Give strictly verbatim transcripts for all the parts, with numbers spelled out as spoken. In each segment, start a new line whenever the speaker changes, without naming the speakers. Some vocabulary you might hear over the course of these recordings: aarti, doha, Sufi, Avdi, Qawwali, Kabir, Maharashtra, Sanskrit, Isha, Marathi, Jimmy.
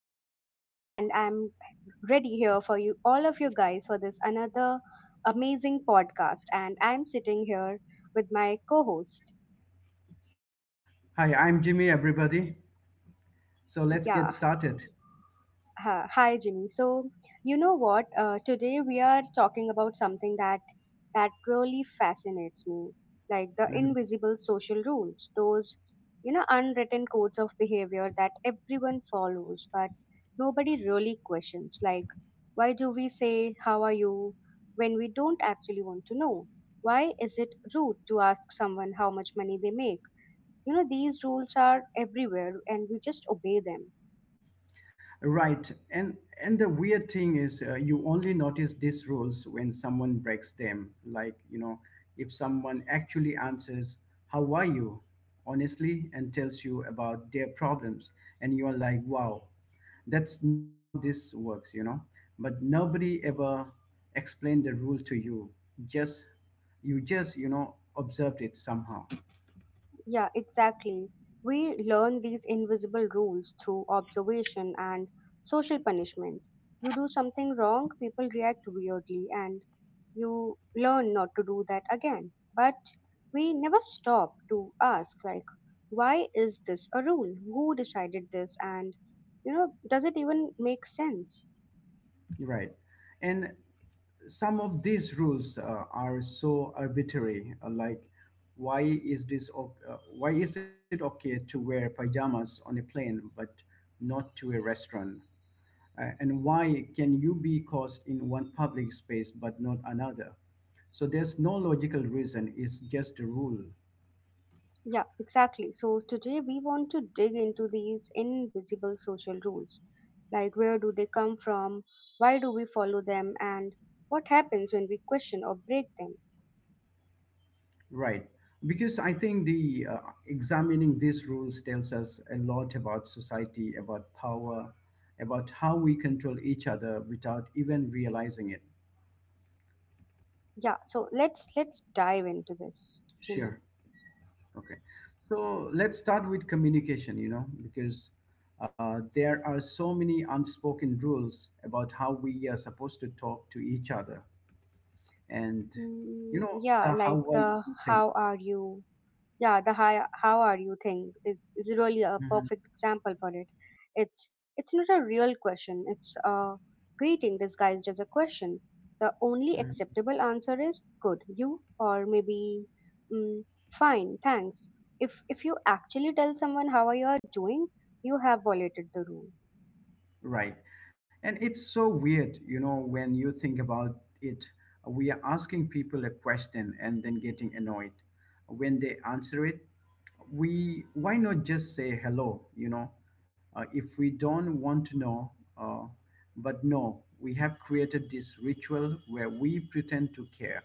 Shruti, and I'm ready here for you, all of you guys, for this another amazing podcast. And I'm sitting here with my co host.
Hi, I'm Jimmy, everybody. So let's get
Yeah,
started.
Ha, hi, Jimmy. So, you know what? Uh, today we are talking about something that that really fascinates me, like the
Mhm.
invisible social rules, those you know unwritten codes of behavior that everyone follows but nobody really questions. Like, why do we say "How are you" when we don't actually want to know? Why is it rude to ask someone how much money they make? You know, these rules are everywhere, and we just obey them.
Right, and and the weird thing is, uh, you only notice these rules when someone breaks them. Like you know, if someone actually answers "How are you?" honestly and tells you about their problems, and you're like, "Wow, that's not how this works," you know. But nobody ever explained the rule to you. Just you just you know observed it somehow.
Yeah, exactly. We learn these invisible rules through observation and social punishment. You do something wrong, people react weirdly, and you learn not to do that again. But we never stop to ask, like, why is this a rule? Who decided this? And, you know, does it even make sense?
Right. And some of these rules uh, are so arbitrary uh, like why is this o- uh, why is it okay to wear pajamas on a plane but not to a restaurant, uh, and why can you be caused in one public space but not another? So there's no logical reason, it's just a rule.
Yeah, exactly. So today we want to dig into these invisible social rules. Like, where do they come from? Why do we follow them? And what happens when we question or break them?
Right. Because I think the uh, examining these rules tells us a lot about society, about power, about how we control each other without even realizing it.
Yeah, so let's let's dive into this, Jimmy.
Sure. Okay. So let's start with communication, you know, because uh, there are so many unspoken rules about how we are supposed to talk to each other and, you
Mm,
know,
yeah,
the
like
how I
the
think.
how are you? Yeah, the hi, how are you thing is, is really a
Mhm,
perfect example for it. it's it's not a real question. It's a greeting disguised as a question. The only
mhm.
acceptable answer is good you, or maybe mm, fine thanks. If if you actually tell someone how you are doing, you have violated the rule.
Right. And it's so weird, you know, when you think about it. We are asking people a question and then getting annoyed when they answer it. We, why not just say hello, you know, uh, if we don't want to know. Uh, but no, we have created this ritual where we pretend to care,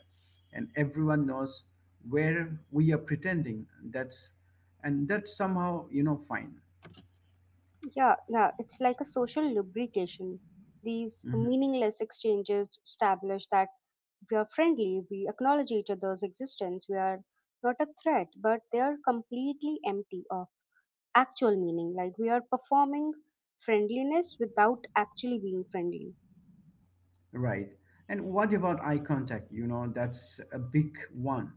and everyone knows where we are pretending. That's And that's somehow you know fine.
Yeah, yeah, it's like a social lubrication. These
Mm-hmm.
meaningless exchanges establish that we are friendly, we acknowledge each other's existence, we are not a threat, but they are completely empty of actual meaning. Like we are performing friendliness without actually being friendly.
Right. And what about eye contact? You know, that's a big one.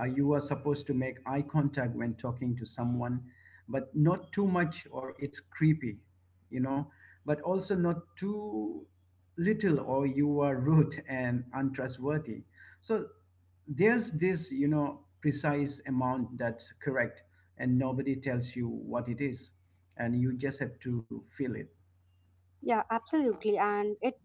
Uh, you are supposed to make eye contact when talking to someone, but not too much or it's creepy, you know, but also not too little or you are rude and untrustworthy. So there's this, you know, precise amount that's correct, and nobody tells you what it is, and you just have to feel it.
Yeah, absolutely. And it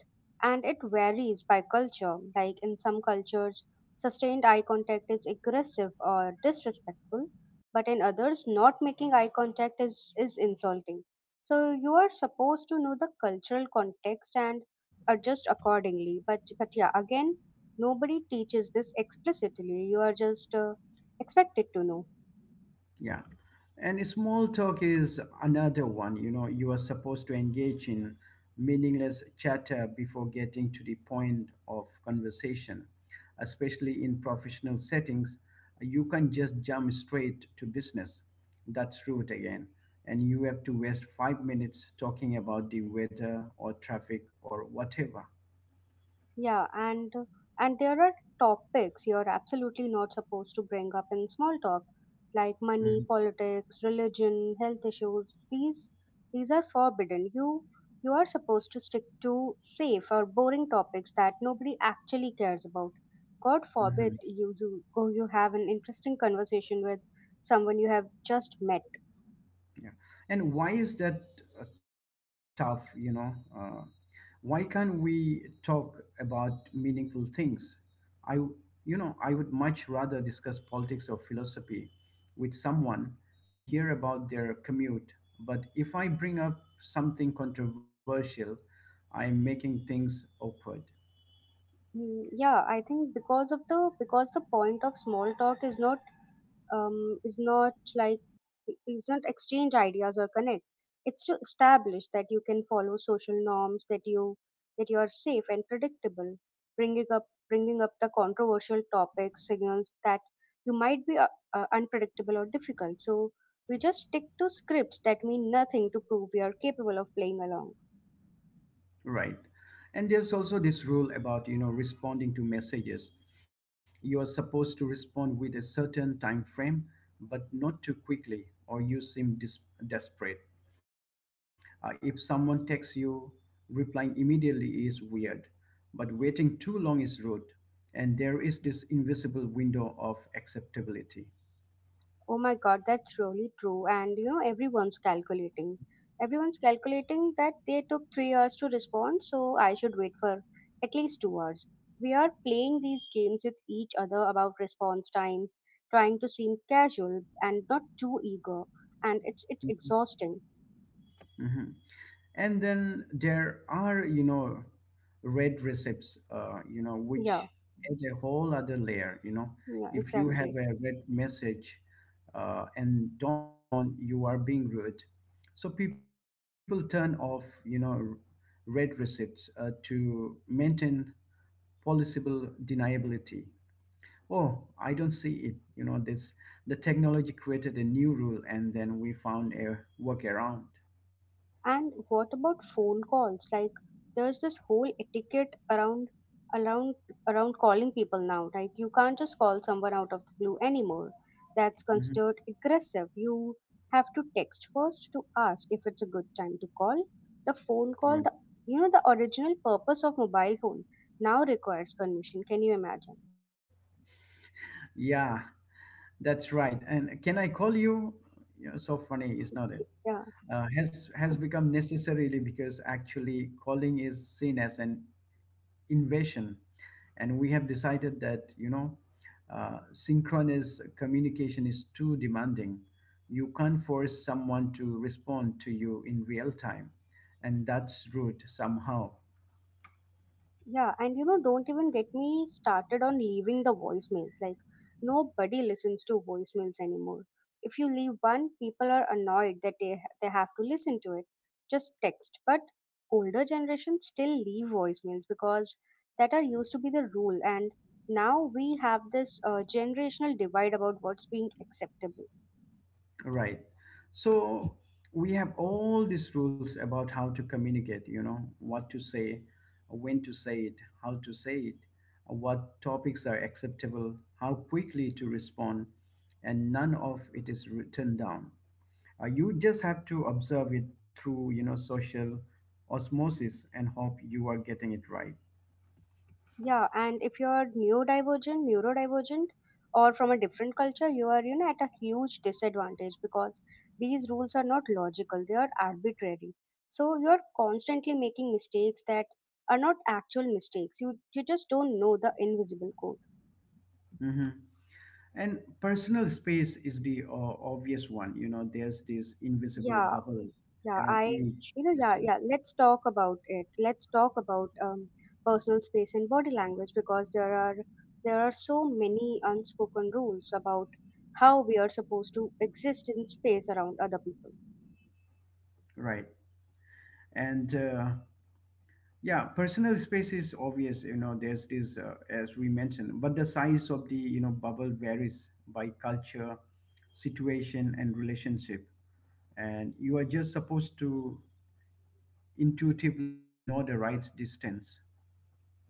and it varies by culture. Like in some cultures, sustained eye contact is aggressive or disrespectful, but in others, not making eye contact is is insulting. So you are supposed to know the cultural context and adjust accordingly. But but yeah, again, nobody teaches this explicitly. You are just uh, expected to know.
Yeah. And small talk is another one. You know, you are supposed to engage in meaningless chatter before getting to the point of conversation, especially in professional settings. You can just jump straight to business. That's rude again. And you have to waste five minutes talking about the weather or traffic or whatever.
Yeah, and and there are topics you're absolutely not supposed to bring up in small talk, like money,
hmm
politics, religion, health issues. These these are forbidden. You you are supposed to stick to safe or boring topics that nobody actually cares about. God
hmm
forbid you you go you have an interesting conversation with someone you have just met.
Yeah. And why is that uh, tough? You know, uh, why can't we talk about meaningful things? i w- you know, I would much rather discuss politics or philosophy with someone than hear about their commute. But if I bring up something controversial, I'm making things awkward.
Mm, yeah, I think because of the because the point of small talk is not um, is not like is not exchange ideas or connect. It's to establish that you can follow social norms, that you that you are safe and predictable. Bringing up bringing up the controversial topics signals that you might be uh, uh, unpredictable or difficult. So we just stick to scripts that mean nothing to prove we are capable of playing along.
Right. And there's also this rule about, you know, responding to messages. You are supposed to respond with a certain time frame, but not too quickly, or you seem dis- desperate. Uh, if someone texts you, replying immediately is weird, but waiting too long is rude. And there is this invisible window of acceptability.
Oh my God, that's really true. And you know, everyone's calculating. Everyone's calculating that they took three hours to respond, so I should wait for at least two hours. We are playing these games with each other about response times, trying to seem casual and not too eager, and it's it's exhausting.
Mhm. And then there are, you know, red receipts, uh, you know, which
Yeah,
add a whole other layer. You know,
yeah,
if you have
exactly.
a red message uh, and don't respond, you are being rude. So people turn off, you know, r- red receipts uh, to maintain policeable deniability. Oh, I don't see it. You know, this the technology created a new rule, and then we found a workaround.
And what about phone calls? Like there's this whole etiquette around around around calling people now. Like you can't just call someone out of the blue anymore. That's
Mhm.
considered aggressive. You have to text first to ask if it's a good time to call. The phone
Right.
call, the you know the original purpose of mobile phone, now requires permission. Can you imagine?
Yeah, that's right. And can I call you? You know, so funny, is not it?
Yeah.
Uh, has has become necessarily because actually calling is seen as an invasion, and we have decided that you know, uh, synchronous communication is too demanding. You can't force someone to respond to you in real time, and that's rude somehow.
Yeah, and you know, don't even get me started on leaving the voicemails. Like, nobody listens to voicemails anymore. If you leave one, people are annoyed that they, ha- they have to listen to it. Just text. But older generations still leave voicemails because that are used to be the rule. And now we have this uh, generational divide about what's being acceptable.
Right. So we have all these rules about how to communicate, you know, what to say, when to say it, how to say it, what topics are acceptable, how quickly to respond, and none of it is written down. Uh, you just have to observe it through, you know, social osmosis and hope you are getting it right.
Yeah, and if you're neurodivergent, neurodivergent, or from a different culture, you are, you know, at a huge disadvantage because these rules are not logical, they are arbitrary. So you're constantly making mistakes that are not actual mistakes. You you just don't know the invisible code.
hmm. And personal space is the uh, obvious one. You know, there's this invisible
Yeah,
bubble
yeah,
around
I,
each
you know, yeah,
person.
yeah. Let's talk about it. Let's talk about um, personal space and body language, because there are there are so many unspoken rules about how we are supposed to exist in space around other people.
Right. And uh, yeah, personal space is obvious, you know, there's this, uh, as we mentioned, but the size of the, you know, bubble varies by culture, situation, and relationship. And you are just supposed to intuitively know the right distance.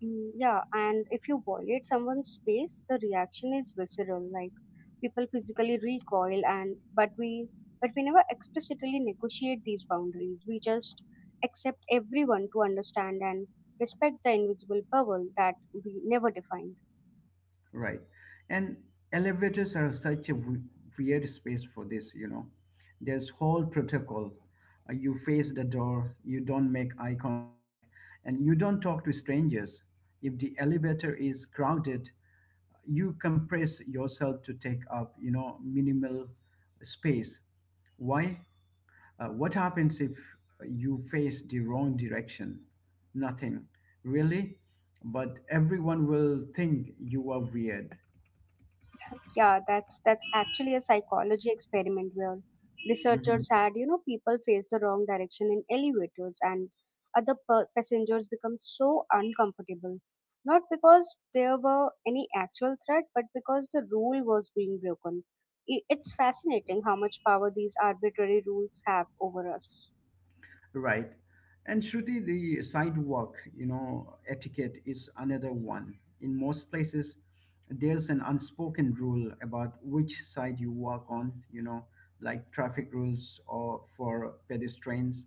Mm, yeah, and if you violate someone's space, the reaction is visceral. Like people physically recoil, and but we but we never explicitly negotiate these boundaries. We just accept everyone to understand and respect the invisible bubble that we never define.
Right. And elevators are such a w- weird space for this, you know. There's whole protocol. Uh, You face the door, you don't make eye contact, and you don't talk to strangers. If the elevator is crowded, you compress yourself to take up, you know, minimal space. Why? Uh, what happens if you face the wrong direction? Nothing, really. But everyone will think you are weird.
Yeah, that's that's actually a psychology experiment where
hmm.
researchers had, you know, people face the wrong direction in elevators, and other per- passengers become so uncomfortable. Not because there were any actual threat, but because the rule was being broken. I- It's fascinating how much power these arbitrary rules have over us.
Right. And Shruti, the sidewalk, you know, etiquette is another one. In most places, there's an unspoken rule about which side you walk on, you know, like traffic rules or for pedestrians.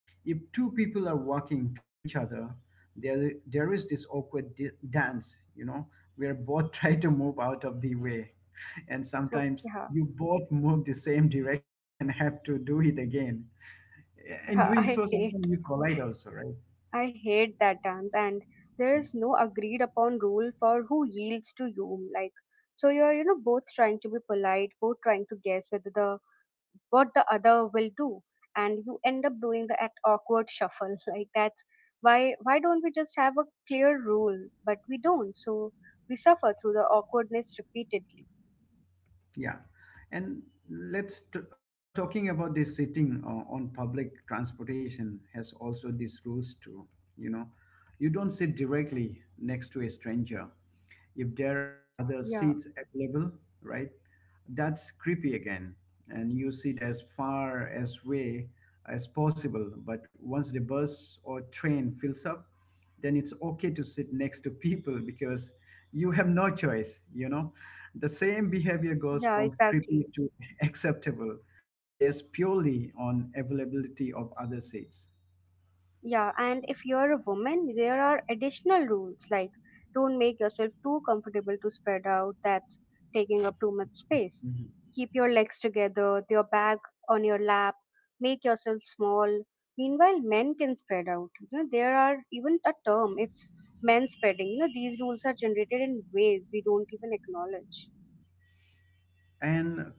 If two people are walking toward each other, there there is this awkward di- dance, you know, where both try to move out of the way. And sometimes
Yeah,
you both move the same direction and have to do it again. In
yeah,
doing
I
so,
hate.
sometimes you collide also, right?
I hate that dance, and there is no agreed upon rule for who yields to whom. Like, so you're, you know, both trying to be polite, both trying to guess whether the what the other will do, and you end up doing the act awkward shuffle. Like that's why why don't we just have a clear rule? But we don't, so we suffer through the awkwardness repeatedly.
Yeah. And let's t- uh, now talking about this, sitting uh, on public transportation has also these rules too, you know. You don't sit directly next to a stranger if there are other
Yeah,
seats available, right? That's creepy again. And you sit as far as way as possible. But once the bus or train fills up, then it's okay to sit next to people because you have no choice, you know. The same behavior goes
yeah,
from creepy
exactly.
to acceptable based purely on availability of other seats.
Yeah, and if you're a woman, there are additional rules like don't make yourself too comfortable to spread out, that's taking up too much space.
Mhm.
Keep your legs together, your bag on your lap, make yourself small. Meanwhile, men can spread out. You know, there are even a term, it's men spreading. You know, these rules are generated in ways we don't even acknowledge.
And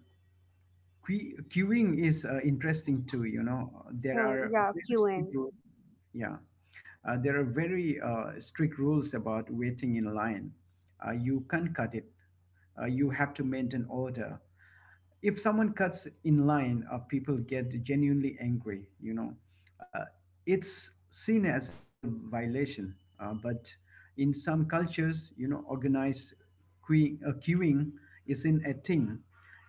Que- queuing is uh, interesting too, you know, there
Uh,
are
yeah,
very
queuing.
strict rules. Yeah, uh, there are very uh, strict rules about waiting in line. Uh, you can't cut it. Uh, you have to maintain order. If someone cuts in line, uh, people get genuinely angry. You know, uh, it's seen as a moral violation. Uh, but in some cultures, you know, organized queuing, uh, queuing isn't a thing.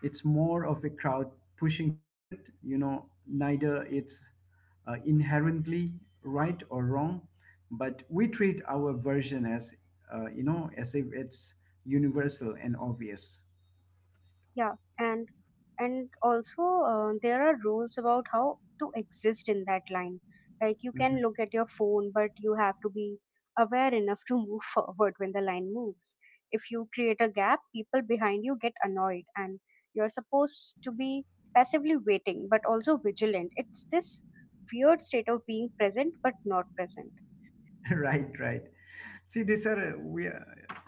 It's more of a crowd pushing forward. You know, neither it's uh, inherently right or wrong, but we treat our version as, uh, you know, as if it's universal and obvious.
Yeah, and and also uh, there are rules about how to exist in that line. Like you can look at your phone, but you have to be aware enough to move forward when the line moves. If you create a gap, people behind you get annoyed, and you're supposed to be passively waiting, but also vigilant. It's this weird state of being present but not present.
Right, right. See, these are uh, we are,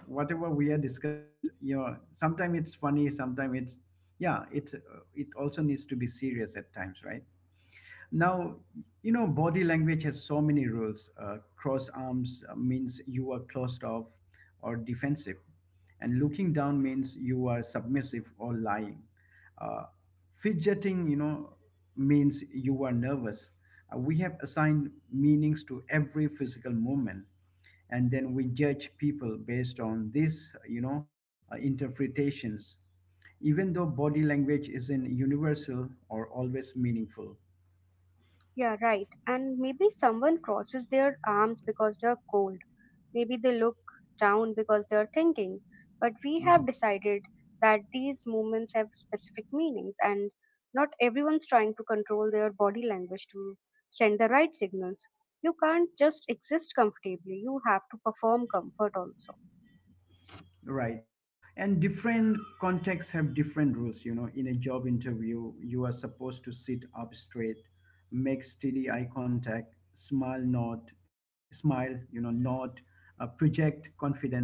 whatever we are discussing, it's you know, sometimes it's funny, sometimes it's yeah, it's uh, it also needs to be serious at times, right? Now, you know, body language has so many rules. Uh, cross arms uh, means you are closed off or defensive, and looking down means you are submissive or lying. uh, Fidgeting, you know, means you are nervous. Uh, we have assigned meanings to every physical movement, and then we judge people based on these, you know, uh, interpretations, even though body language isn't universal or always meaningful.
Yeah, right. And maybe someone crosses their arms because they're cold. Maybe they look down because they're thinking. But we have decided that these movements have specific meanings, and not everyone's trying to control their body language to send the right signals. You can't just exist comfortably, you have to perform comfort also.
Right. And different contexts have different rules. You know, in a job interview, you are supposed to sit up straight, make steady eye contact, smile, nod, smile, you know, nod, uh, project confidence.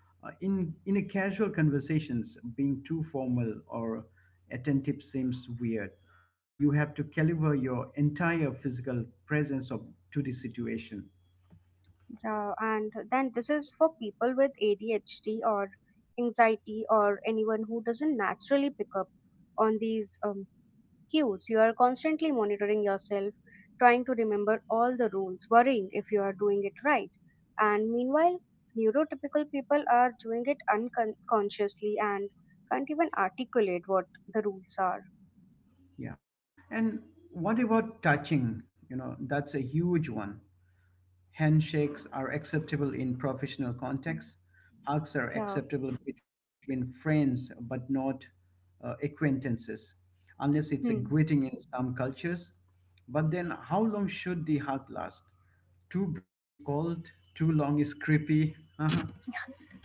Uh, in in a casual conversations, being too formal or attentive seems weird. You have to caliber your entire physical presence of, to the situation.
Yeah, and then this is for people with A D H D or anxiety or anyone who doesn't naturally pick up on these um, cues. You are constantly monitoring yourself, trying to remember all the rules, worrying if you are doing it right. And meanwhile, neurotypical people are doing it unconsciously and can't even articulate what the rules are.
Yeah. And what about touching? You know, that's a huge one. Handshakes are acceptable in professional contexts. Hugs are
Yeah.
acceptable between friends, but not uh, acquaintances, unless it's a
Hmm.
greeting in some cultures. But then, how long should the hug last? Too brief is cold, too long is creepy.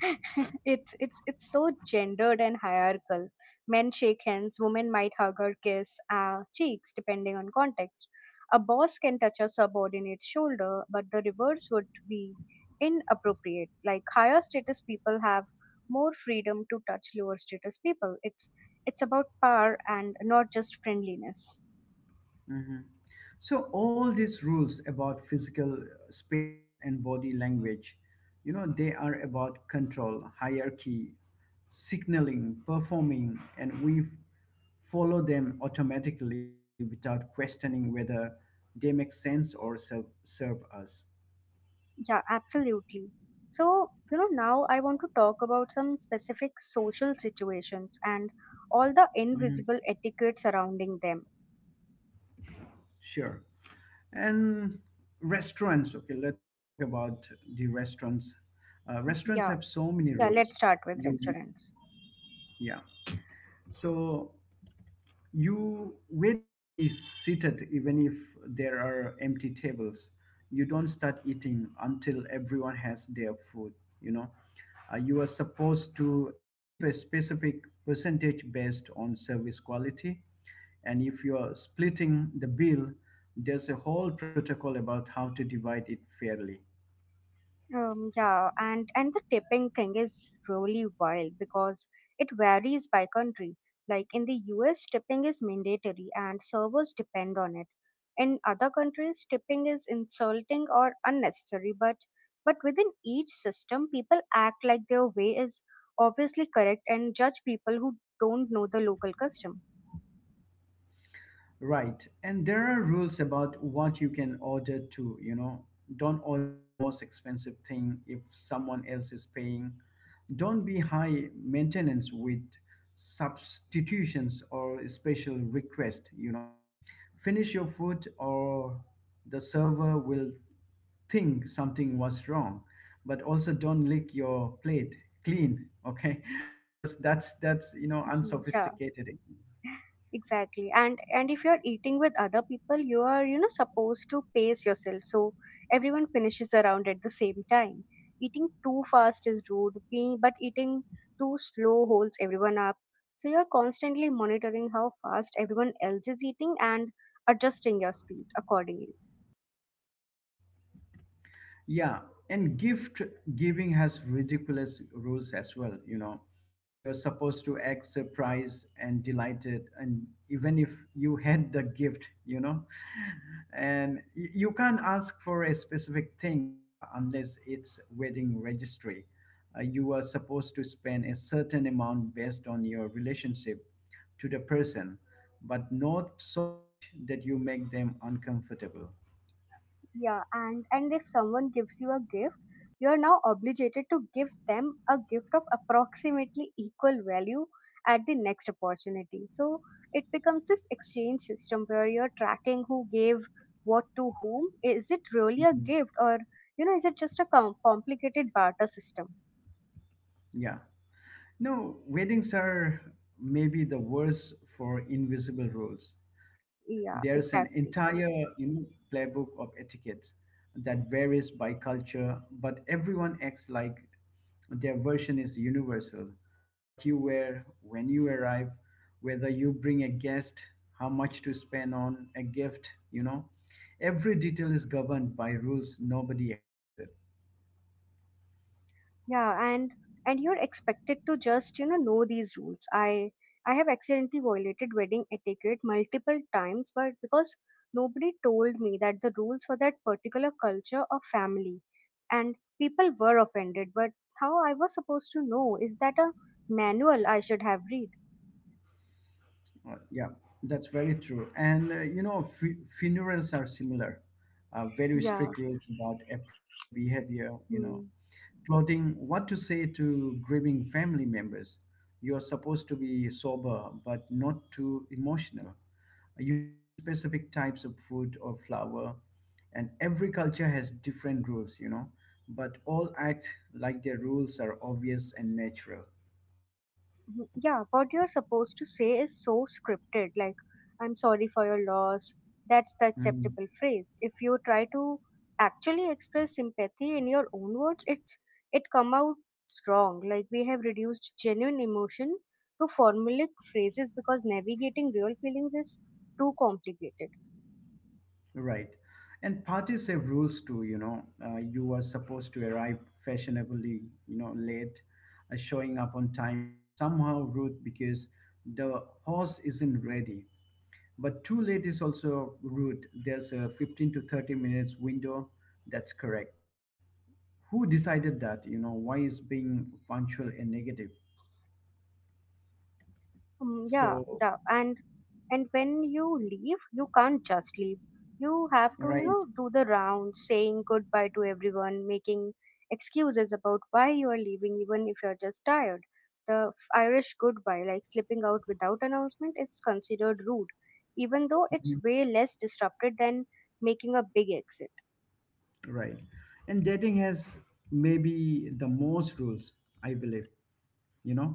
it's it's it's so gendered and hierarchical. Men shake hands, women might hug or kiss uh, cheeks depending on context. A boss can touch a subordinate's shoulder, but the reverse would be inappropriate. Like higher status people have more freedom to touch lower status people. It's it's about power and not just friendliness.
Mhm. So all these rules about physical space and body language, you know, they are about control, hierarchy, signaling, performing, and we follow them automatically without questioning whether they make sense or serve, serve us.
Yeah, absolutely. So, you know, now I want to talk about some specific social situations and all the
Mhm.
invisible etiquette surrounding them.
Sure. And restaurants, okay, let's talk about the restaurants. Uh, restaurants
Yeah,
have so many
yeah, let's
rules.
start with
You,
restaurants.
yeah. So you wait to be seated even if there are empty tables. You don't start eating until everyone has their food, you know. Uh, you are supposed to tip a specific percentage based on service quality. And if you're splitting the bill, there's a whole protocol about how to divide it fairly.
Um, yeah, and and the tipping thing is really wild because it varies by country. Like in the U S, tipping is mandatory and servers depend on it. In other countries, tipping is insulting or unnecessary, but but within each system, people act like their way is obviously correct and judge people who don't know the local custom.
Right. And there are rules about what you can order too, you know. Don't order the most expensive thing if someone else is paying. Don't be high maintenance with substitutions or special request, you know. Finish your food or the server will think something was wrong, but also don't lick your plate clean, okay, because that's that's you know
Yeah.
unsophisticated.
Exactly, and and if you're eating with other people, you are, you know, supposed to pace yourself so everyone finishes around at the same time. Eating too fast is rude, being but eating too slow holds everyone up. So you're constantly monitoring how fast everyone else is eating and adjusting your speed accordingly.
Yeah, and gift giving has ridiculous rules as well. You know, you're supposed to act surprised and delighted, and even if you had the gift, you know, and y- you can't ask for a specific things uh, unless it's wedding registry. Uh, you are supposed to spend a certain amount based on your relationship to the person, but not so much that you make them uncomfortable.
Yeah, and and if someone gives you a gift, you are now obligated to give them a gift of approximately equal value at the next opportunity. So it becomes this exchange system where you're tracking who gave what to whom. Is it really a
Mhm.
gift, or you know is it just a com- complicated barter system?
Yeah. No, weddings are maybe the worst for invisible rules. There's
Yeah,
an
exactly.
entire you know, playbook of etiquettes that varies by culture, but everyone acts like their version is universal. What you wear, when you arrive, whether you bring a guest, how much to spend on a gift, you know. Every detail is governed by rules nobody explains it.
Yeah, and and you're expected to just, you know, know these rules. I I have accidentally violated wedding etiquette multiple times, but because nobody told me that the rules for that particular culture or family, and people were offended. But how I was supposed to know? Is that a manual I should have read?
Uh, yeah, that's very true. And uh, you know, fu- funerals are similar. Uh, very
Yeah.
strict rules about appropriate behavior, you know,
Hmm.
clothing, what to say to grieving family members. You are supposed to be sober, but not too emotional. You bring specific types of food or flower, and every culture has different rules, you know, but all act like their rules are obvious and natural.
Mhm. Yeah, what you're supposed to say is so scripted, like I'm sorry for your loss. That's the
Hmm.
acceptable phrase. If you try to actually express sympathy in your own words, it's it come out wrong. Like we have reduced genuine emotion to formulaic phrases because navigating real feelings is too complicated.
Right. And parties have rules too, you know. Uh, you are supposed to arrive fashionably, you know, late. Uh, showing up on time is somehow rude because the horse isn't ready. But too late is also rude. There's a fifteen to thirty minutes window. That's correct. Who decided that? You know, why is being punctual a negative?
Um, yeah,
So,
yeah, and and when you leave you can't just leave. You have to, you
right,
know, do the rounds saying goodbye to everyone, making excuses about why you are leaving even if you're just tired. The Irish goodbye, like slipping out without announcement, is considered rude even though it's
mhm,
way less disrupted than making a big exit.
right. And dating has maybe the most rules, I believe. You know,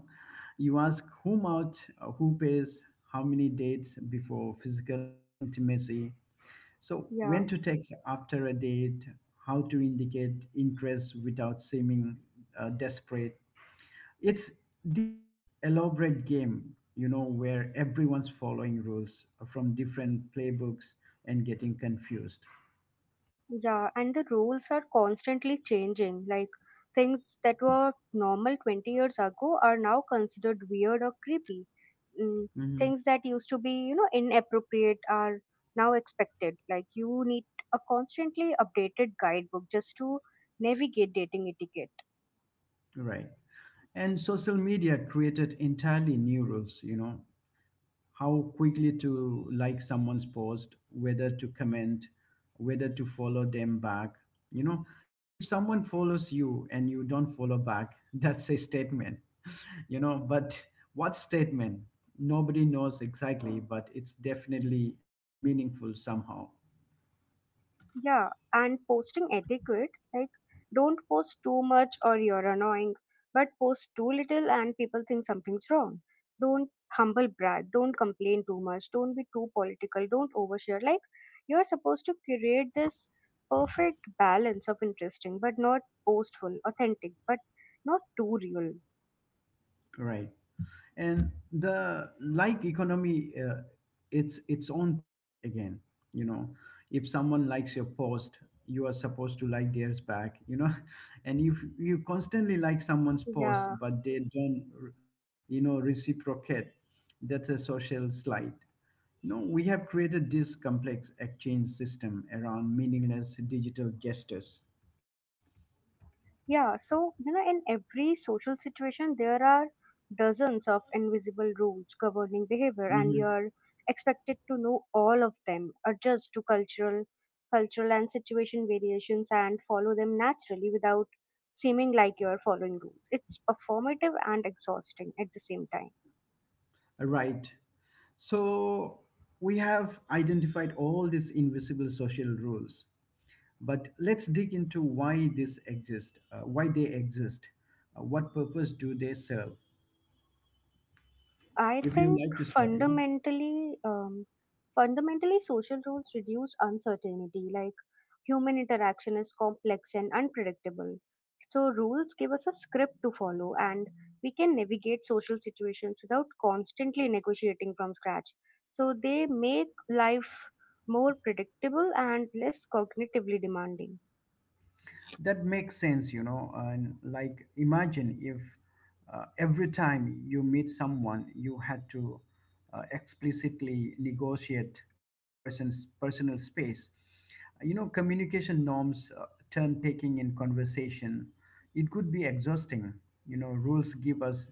you ask whom out, uh, who pays, how many dates before physical intimacy, so
Yeah.
when to text after a date, how to indicate interest without seeming uh, desperate. It's this elaborate game, you know, where everyone's following rules from different playbooks and getting confused.
Yeah, and the rules are constantly changing. Like things that were normal twenty years ago are now considered weird or creepy. Mm,
Mhm.
Things that used to be, you know, inappropriate are now expected. Like you need a constantly updated guidebook just to navigate dating etiquette.
Right, and social media created entirely new rules, you know, how quickly to like someone's post, whether to comment, whether to follow them back. You know, if someone follows you and you don't follow back, that's a statement, you know, but what statement? Nobody knows exactly, but it's definitely meaningful somehow,
Yeah, and posting etiquette, like don't post too much or you're annoying, but post too little and people think something's wrong. Don't humble brag, don't complain too much, don't be too political, don't overshare. Like you're supposed to create this perfect balance of interesting, but not boastful, authentic, but not too real.
right? And the like economy, uh, it's its own thing again, you know. If someone likes your post, you are supposed to like theirs back, you know. And if you constantly like someone's
Yeah.
post but they don't you know reciprocate, that's a social slide. No, we have created this complex exchange system around meaningless digital gestures.
Yeah, so you know, in every social situation, there are dozens of invisible rules governing behavior, and
Mhm.
you're expected to know all of them, adjust to cultural, cultural and situation variations, and follow them naturally without seeming like you're following rules. It's performative and exhausting at the same time.
Right. So we have identified all these invisible social rules, but let's dig into why this exist, uh, why they exist, uh, what purpose do they serve?
I
If you
think
like to start, yeah.
fundamentally, um, fundamentally, social rules reduce uncertainty. Like human interaction is complex and unpredictable, so rules give us a script to follow, and we can navigate social situations without constantly negotiating from scratch. So they make life more predictable and less cognitively demanding.
That makes sense, you know. And like, imagine if uh, every time you meet someone, you had to uh, explicitly negotiate a person's personal space. You know, communication norms, uh, turn taking in conversation, it could be exhausting. You know, rules give us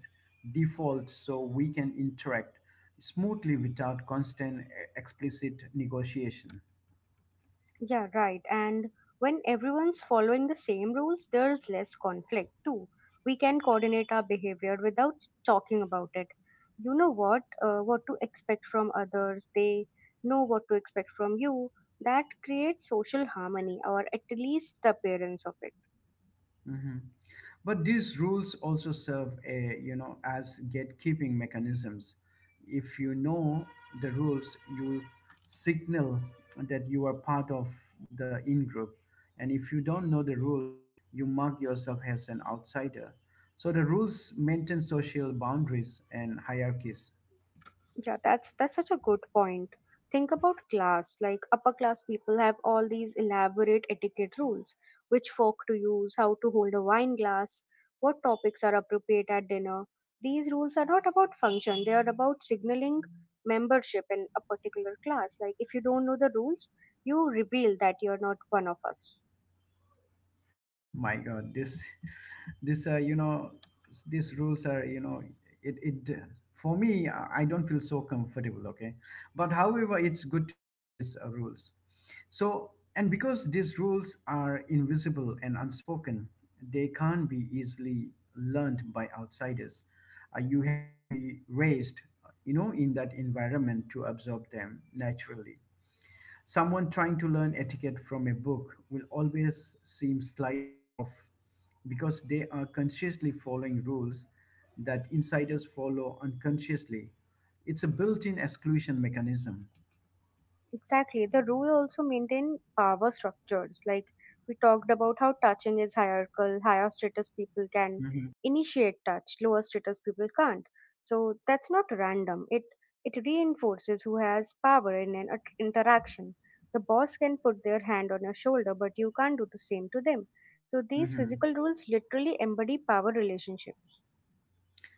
defaults so we can interact smoothly without constant uh, explicit negotiation.
Yeah, right. And when everyone's following the same rules, there's less conflict too. We can coordinate our behavior without talking about it. You know what, uh, what to expect from others. They know what to expect from you. That creates social harmony, or at least the appearance of it.
Hmm. But these rules also serve a, you know, as gatekeeping mechanisms. If you know the rules, you signal that you are part of the in group. And if you don't know the rules, you mark yourself as an outsider. So the rules maintain social boundaries and hierarchies.
Yeah, that's that's such a good point. Think about class. Like upper class people have all these elaborate etiquette rules, which fork to use, how to hold a wine glass, what topics are appropriate at dinner. These rules are not about function, they are about signaling membership in a particular class. Like if you don't know the rules, you reveal that you're not one of us.
My god, this this uh, you know, these rules are, you know, it, it for me, i I don't feel so comfortable, okay? But however, it's good to know these uh, rules. So, and because these rules are invisible and unspoken, they can't be easily learned by outsiders. Uh, you have to be raised, you know, in that environment to absorb them naturally. Someone trying to learn etiquette from a book will always seem slightly off because they are consciously following rules that insiders follow unconsciously. It's a built in exclusion mechanism.
Exactly. The rule also maintained power structures. Like we talked about how touching is hierarchical, higher status people can
Mhm.
initiate touch, lower status people can't. So that's not random. It it reinforces who has power in an at- interaction. The boss can put their hand on your shoulder, but you can't do the same to them. So these
Mhm.
physical rules literally embody power relationships.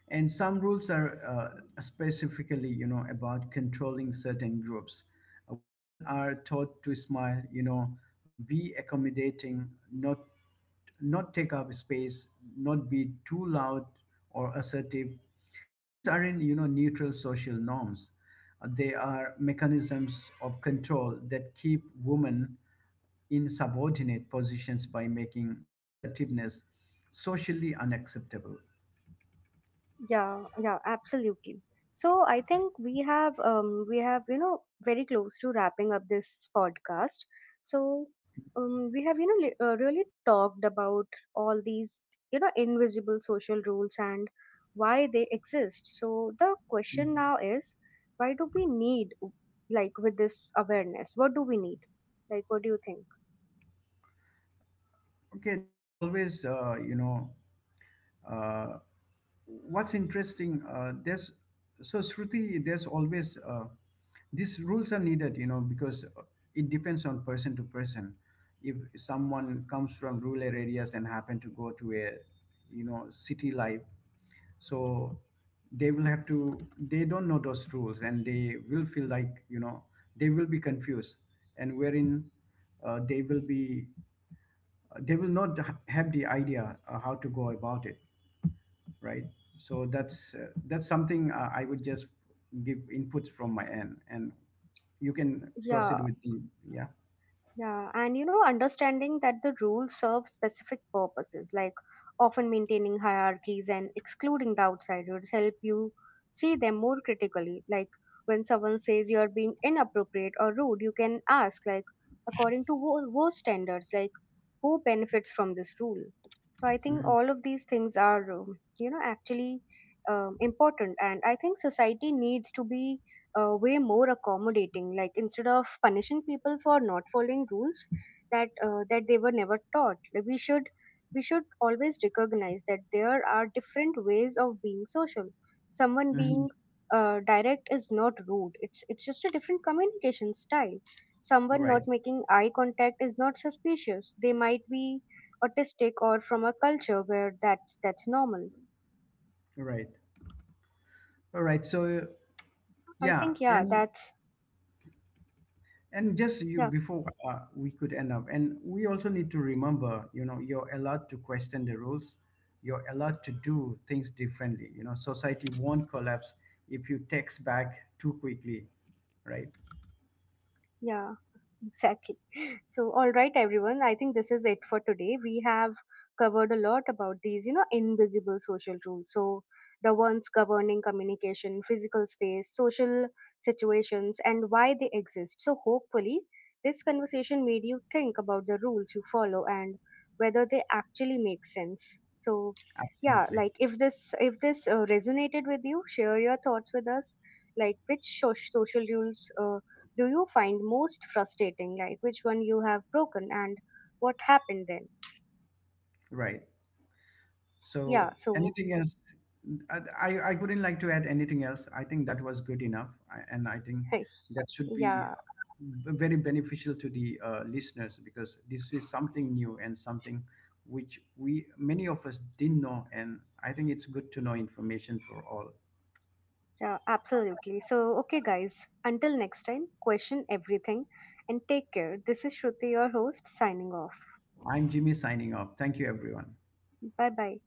And some rules are, uh, specifically, you know, about controlling certain groups. Uh, women are taught to smile, you know, be accommodating, not not take up space, not be too loud or assertive. These aren't, you know, neutral social norms. Uh, They are mechanisms of control that keep women in subordinate positions by making assertiveness socially unacceptable.
Yeah, yeah, absolutely. So I think we have um we have, you know, very close to wrapping up this podcast. So um we have, you know, li- uh, really talked about all these, you know, invisible social rules and why they exist. So the question
Mhm.
now is why do we need, like, with this awareness? What do we need? Like what do you think?
Okay, there's always, uh, you know, uh, what's interesting, uh, there's, so Shruti, there's always, uh, these rules are needed, you know, because uh, it depends on person to person. If someone comes from rural areas and happen to go to a, you know, city life, so they will have to, they don't know those rules and they will feel like, you know, they will be confused. And wherein uh, they will be, they will not ha- have the idea uh, how to go about it, right? So that's, uh, that's something uh, I would just give inputs from my end, and you can proceed
Yeah.
with the, yeah.
Yeah, and you know, understanding that the rules serve specific purposes, like often maintaining hierarchies and excluding the outsiders, help you see them more critically. Like when someone says you're being inappropriate or rude, you can ask, like, according to who, whose standards, like, who benefits from this rule? So I think
Hmm.
all of these things are, um, you know, actually um, important, and I think society needs to be uh, way more accommodating. Like instead of punishing people for not following rules that uh, that they were never taught, like we should we should always recognize that there are different ways of being social. Someone
Hmm.
being uh, direct is not rude, it's it's just a different communication style. Someone
Right,
not making eye contact is not suspicious, they might be autistic or from a culture where that's that's normal.
right, all right. So
I
yeah,
think yeah
and
that's
and just you
yeah
before, uh, we could end up, and we also need to remember, you know, you're allowed to question the rules. You're allowed to do things differently. You know, society won't collapse if you text back too quickly, right?
yeah Exactly. So, all right, everyone. I think this is it for today. We have covered a lot about these, you know, invisible social rules. So, the ones governing communication, physical space, social situations, and why they exist. So, hopefully, this conversation made you think about the rules you follow and whether they actually make sense. So, yeah,
Absolutely,
like if this if this uh, resonated with you, share your thoughts with us. Like which soc- social rules uh, do you find most frustrating? Like which one you have broken and what happened then?
right. So
Yeah, so
anything else? I, I I wouldn't like to add anything else. I think that was good enough, I- and I think that should be
yeah,
uh, very beneficial to the uh, listeners because this is something new and something which we many of us didn't know, and I think it's good to know information for all.
yeah, absolutely. So, okay, guys, until next time, question everything and take care. This is Shruti, your host, signing off.
I'm Jimmy signing off. Thank you, everyone.
Bye bye.